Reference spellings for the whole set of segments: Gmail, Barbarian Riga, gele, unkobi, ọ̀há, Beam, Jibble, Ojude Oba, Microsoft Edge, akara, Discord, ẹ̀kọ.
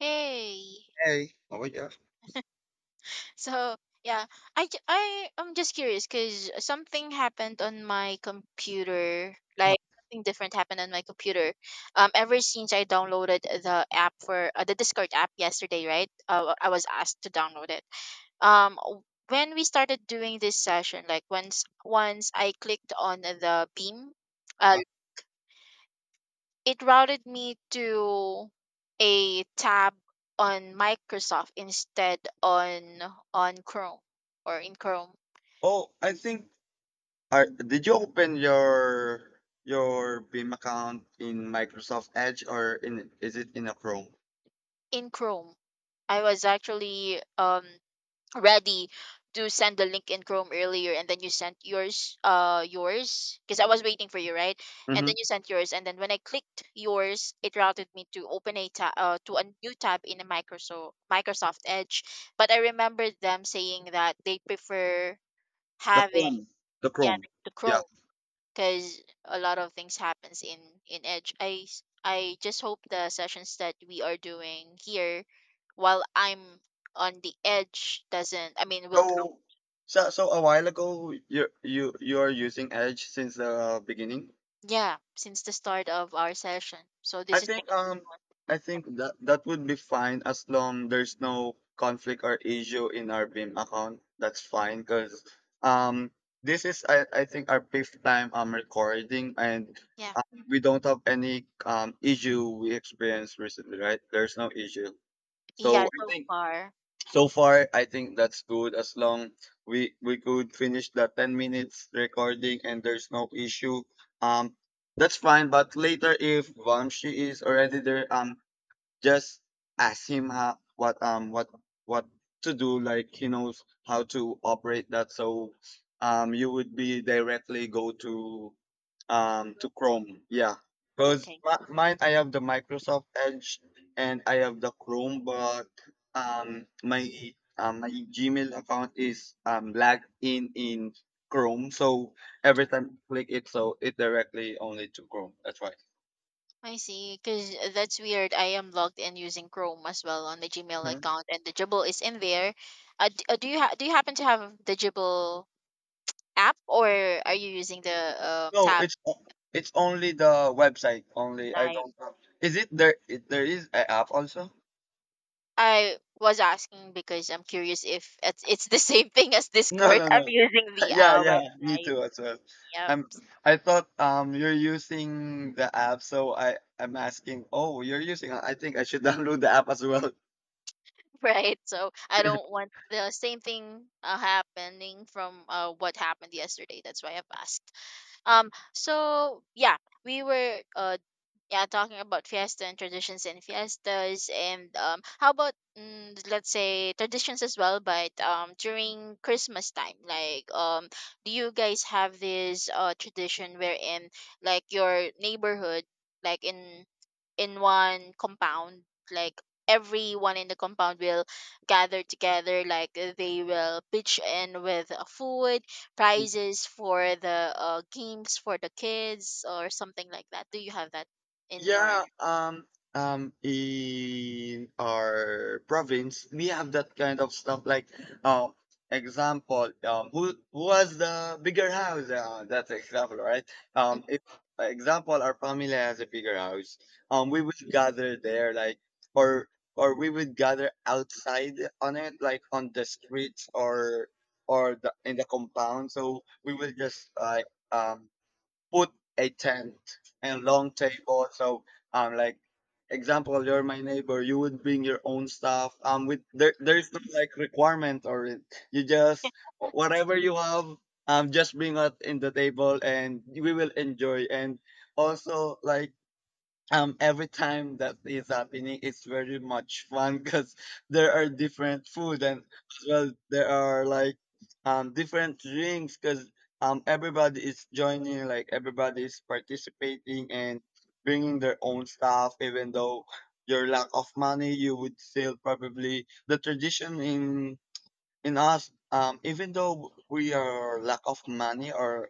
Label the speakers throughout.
Speaker 1: Hey.
Speaker 2: Hey. Oh yeah.
Speaker 1: So, yeah, I am just curious cuz something happened on my computer.
Speaker 2: Uh-huh.
Speaker 1: Like something different happened on my computer. Ever since I downloaded the app for the Discord app yesterday, right? I was asked to download it. Um w- when we started doing this session, like once I clicked on the Beam uh,
Speaker 2: Uh-huh.
Speaker 1: it routed me to a tab on Microsoft instead on Chrome or in Chrome.
Speaker 2: Oh, I think. Did you open your Beam account in Microsoft Edge or in is it in a Chrome?
Speaker 1: In Chrome, I was actually ready to send the link in Chrome earlier, and then you sent yours, yours, because I was waiting for you, right? And then
Speaker 2: Mm-hmm.
Speaker 1: you sent yours, and then when I clicked yours, it routed me to open a tab, to a new tab in a Microsoft Edge. But I remembered them saying that they prefer
Speaker 2: The
Speaker 1: having.
Speaker 2: Chrome. The
Speaker 1: Yeah,
Speaker 2: Chrome.
Speaker 1: like the
Speaker 2: Yeah.
Speaker 1: Chrome, because a lot of things happens in Edge. I just hope the sessions that we are doing here, while I'm on the Edge, doesn't. I mean, will.
Speaker 2: So so a while ago you are using Edge since the beginning.
Speaker 1: Yeah, since the start of our session. So
Speaker 2: I
Speaker 1: this is like
Speaker 2: think
Speaker 1: the fifth
Speaker 2: um
Speaker 1: one.
Speaker 2: I
Speaker 1: Yep.
Speaker 2: think that that would be fine as long there's no conflict or issue in our beam account. That's fine because um this is I think our fifth time recording and
Speaker 1: Yeah,
Speaker 2: uh, we don't have any issue we experienced recently, right? There's no issue.
Speaker 1: yeah,
Speaker 2: So I
Speaker 1: so
Speaker 2: think
Speaker 1: far.
Speaker 2: so far, I think that's good as long we could finish the 10 minutes recording and there's no issue. Um, that's fine. But later, if Vamshi is already there, just ask him how, what what to do. Like he knows how to operate that, so you would be directly go to Chrome. Yeah, because
Speaker 1: Okay, me.
Speaker 2: mine I have the Microsoft Edge and I have the Chrome, but my my Gmail account is lagged in Chrome, so every time I click it, so it directly only to Chrome. That's why.
Speaker 1: I see, because that's weird. I am logged in using Chrome as well on the Gmail
Speaker 2: Hmm.
Speaker 1: account, and the Jibble is in there. Do you happen to have the Jibble app or are you using the
Speaker 2: No,
Speaker 1: tab
Speaker 2: it's o- it's only the website only. I
Speaker 1: design?
Speaker 2: don't. Have, is it there? It, there is an app also.
Speaker 1: I was asking because I'm curious if it's the same thing as
Speaker 2: No,
Speaker 1: Discord.
Speaker 2: no,
Speaker 1: I'm
Speaker 2: no.
Speaker 1: using the
Speaker 2: Yeah, yeah, me
Speaker 1: website.
Speaker 2: too as well.
Speaker 1: Yep.
Speaker 2: I'm I thought you're using the app, so I'm asking, "Oh, you're using I think I should download the app as well."
Speaker 1: Right. So I don't want the same thing happening from what happened yesterday. That's why I've asked. So yeah, we were yeah talking about fiesta and traditions and fiestas and how about let's say traditions as well but during Christmas time, like, do you guys have this tradition wherein like your neighborhood, like in one compound, like everyone in the compound will gather together, like, they will pitch in with food, prizes for the games for the kids or something like that? Do you have that in your?
Speaker 2: Yeah, in our province, we have that kind of stuff. Like, uh, example, who has the bigger house? That's example, right?
Speaker 1: Mm.
Speaker 2: If example, our family has a bigger house. We would gather there, like, or we would gather outside on it, like on the streets or the in the compound. So we will just like um put a tent and long table. So like example, you're my neighbor. You would bring your own stuff. With there's no like requirement or it. You just whatever you have. Just bring it in the table and we will enjoy. And also like every time that is happening it's very much fun because there are different food and as well there are like different drinks because everybody is joining like everybody is participating and bringing their own stuff even though your lack of money you would still probably the tradition in us, even though we are lack of money or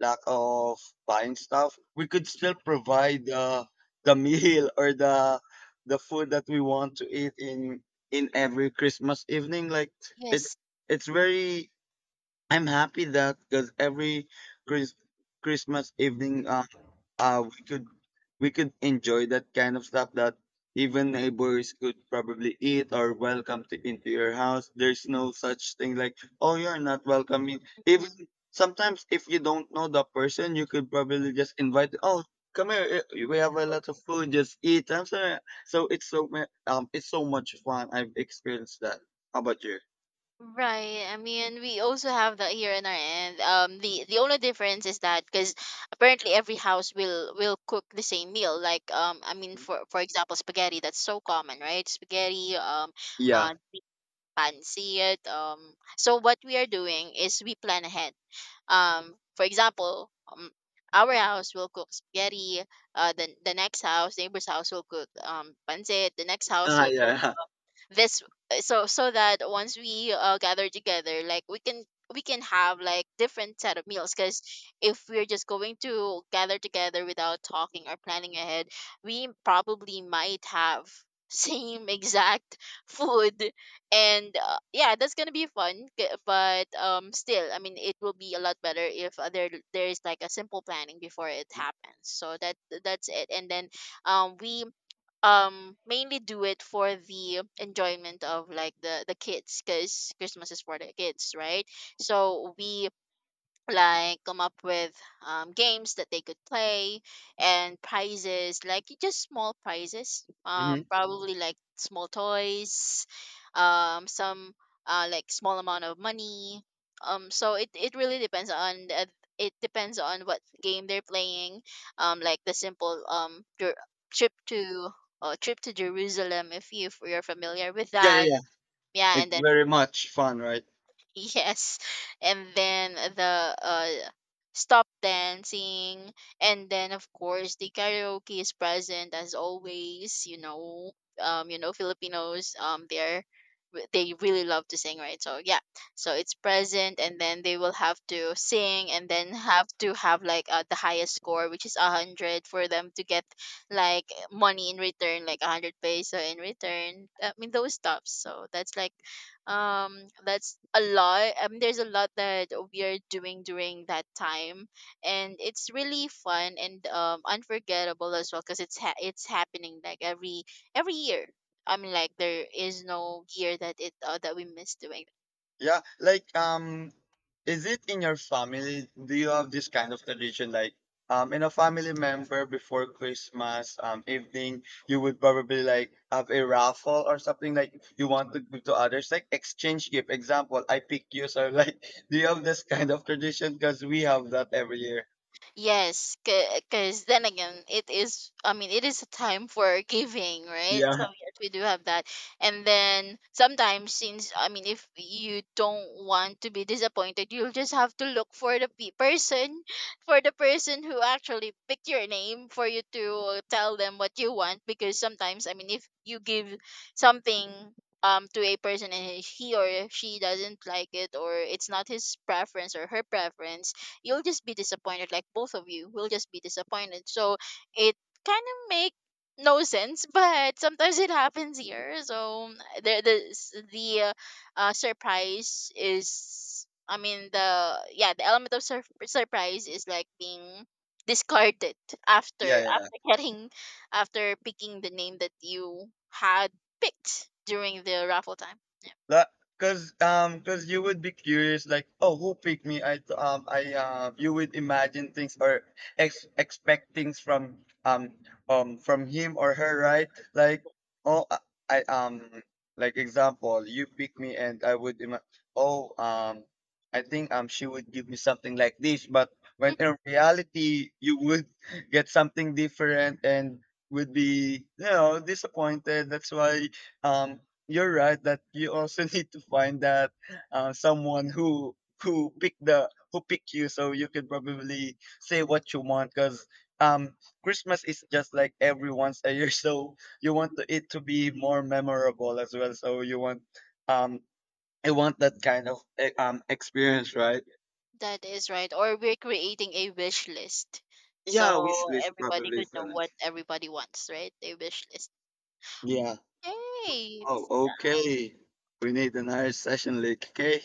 Speaker 2: lack of buying stuff, we could still provide the meal or the food that we want to eat in every Christmas evening. Like it's
Speaker 1: Yes.
Speaker 2: it's very. I'm happy that because every Chris, Christmas evening uh we could we could enjoy that kind of stuff that even neighbors could probably eat or welcome to into your house. There's no such thing like, oh, you're not welcoming. Even
Speaker 1: Mm.
Speaker 2: sometimes if you don't know the person, you could probably just invite, oh, come here, eh, we have a lot of food, just eat. I'm sorry. So it's so much fun. I've experienced that. How about you?
Speaker 1: Right. I mean, we also have that here in our end. The only difference is that because apparently every house will cook the same meal. Like, I mean, for example, spaghetti. That's so common, right? Spaghetti.
Speaker 2: Yeah.
Speaker 1: Uh, pancit. So what we are doing is we plan ahead. For example, our house will cook spaghetti. The next house, neighbor's house will cook pancit. The next house
Speaker 2: Ah,
Speaker 1: will cook
Speaker 2: yeah.
Speaker 1: this, so so that once we, gather together, like, we can have like different set of meals, because if we're just going to gather together without talking or planning ahead, we probably might have same exact food. And yeah, that's gonna be fun. But still, I mean, it will be a lot better if, there's like a simple planning before it happens, so that that's it. And then we, mainly do it for the enjoyment of like the kids, because Christmas is for the kids, right? So we like come up with, games that they could play, and prizes like just small prizes,
Speaker 2: Hmm.
Speaker 1: probably like small toys, some, like small amount of money, it really depends on it depends on what game they're playing. Like the simple, trip to, trip to Jerusalem, if, you, if you're familiar with
Speaker 2: Yeah,
Speaker 1: that,
Speaker 2: yeah, yeah.
Speaker 1: yeah,
Speaker 2: It's
Speaker 1: and then
Speaker 2: very much fun, right?
Speaker 1: yes. And then the stop dancing, and then of course the karaoke is present as always, you know. You know, Filipinos, they're, they really love to sing, right? So yeah. So it's present, and then they will have to sing, and then have to have like, the highest score, which is 100, for them to get like money in return, like 100 peso in return. I mean those stuffs. So that's like, um that's a lot. There's a lot that we are doing during that time, and it's really fun and unforgettable as well, because it's happening like every year. I mean, like, there is no year that it that we miss doing.
Speaker 2: Yeah, like is it in your family? Do you have this kind of tradition like in a family member before Christmas evening you would probably like have a raffle or something like you want to give to others like exchange gift example I pick you so like do you have this kind of tradition because we have that every year.
Speaker 1: Yes, because then again, it is, I mean, it is a time for giving, right? So,
Speaker 2: Yeah.
Speaker 1: yes, we do have that. And then sometimes, since, I mean, if you don't want to be disappointed, you'll just have to look for the person, for the person who actually picked your name, for you to tell them what you want. Because sometimes, I mean, if you give something, to a person and he or she doesn't like it, or it's not his preference or her preference, you'll just be disappointed, like both of you will just be disappointed. So it kind of make no sense but sometimes it happens here. So the the the surprise is, I mean, the, yeah, the element of surprise is like being discarded after
Speaker 2: Yeah, yeah.
Speaker 1: getting, after picking the name that you had picked during the raffle time.
Speaker 2: That because you would be curious like oh who picked me I you would imagine things or expect things from him or her right like oh I I, um like example you pick me and oh I think she would give me something like this but when in reality you would get something different and would be you know disappointed that's why um you're right that you also need to find that someone who pick the who pick you so you can probably say what you want because um christmas is just like every once a year so it to be more memorable as well so you want um I want that kind of experience right
Speaker 1: That is right. Or we're creating a wish list.
Speaker 2: yeah wish
Speaker 1: So
Speaker 2: list
Speaker 1: everybody
Speaker 2: probably
Speaker 1: could
Speaker 2: is
Speaker 1: know what everybody wants, right? A wish list.
Speaker 2: yeah
Speaker 1: Yay!
Speaker 2: oh okay we need another session like okay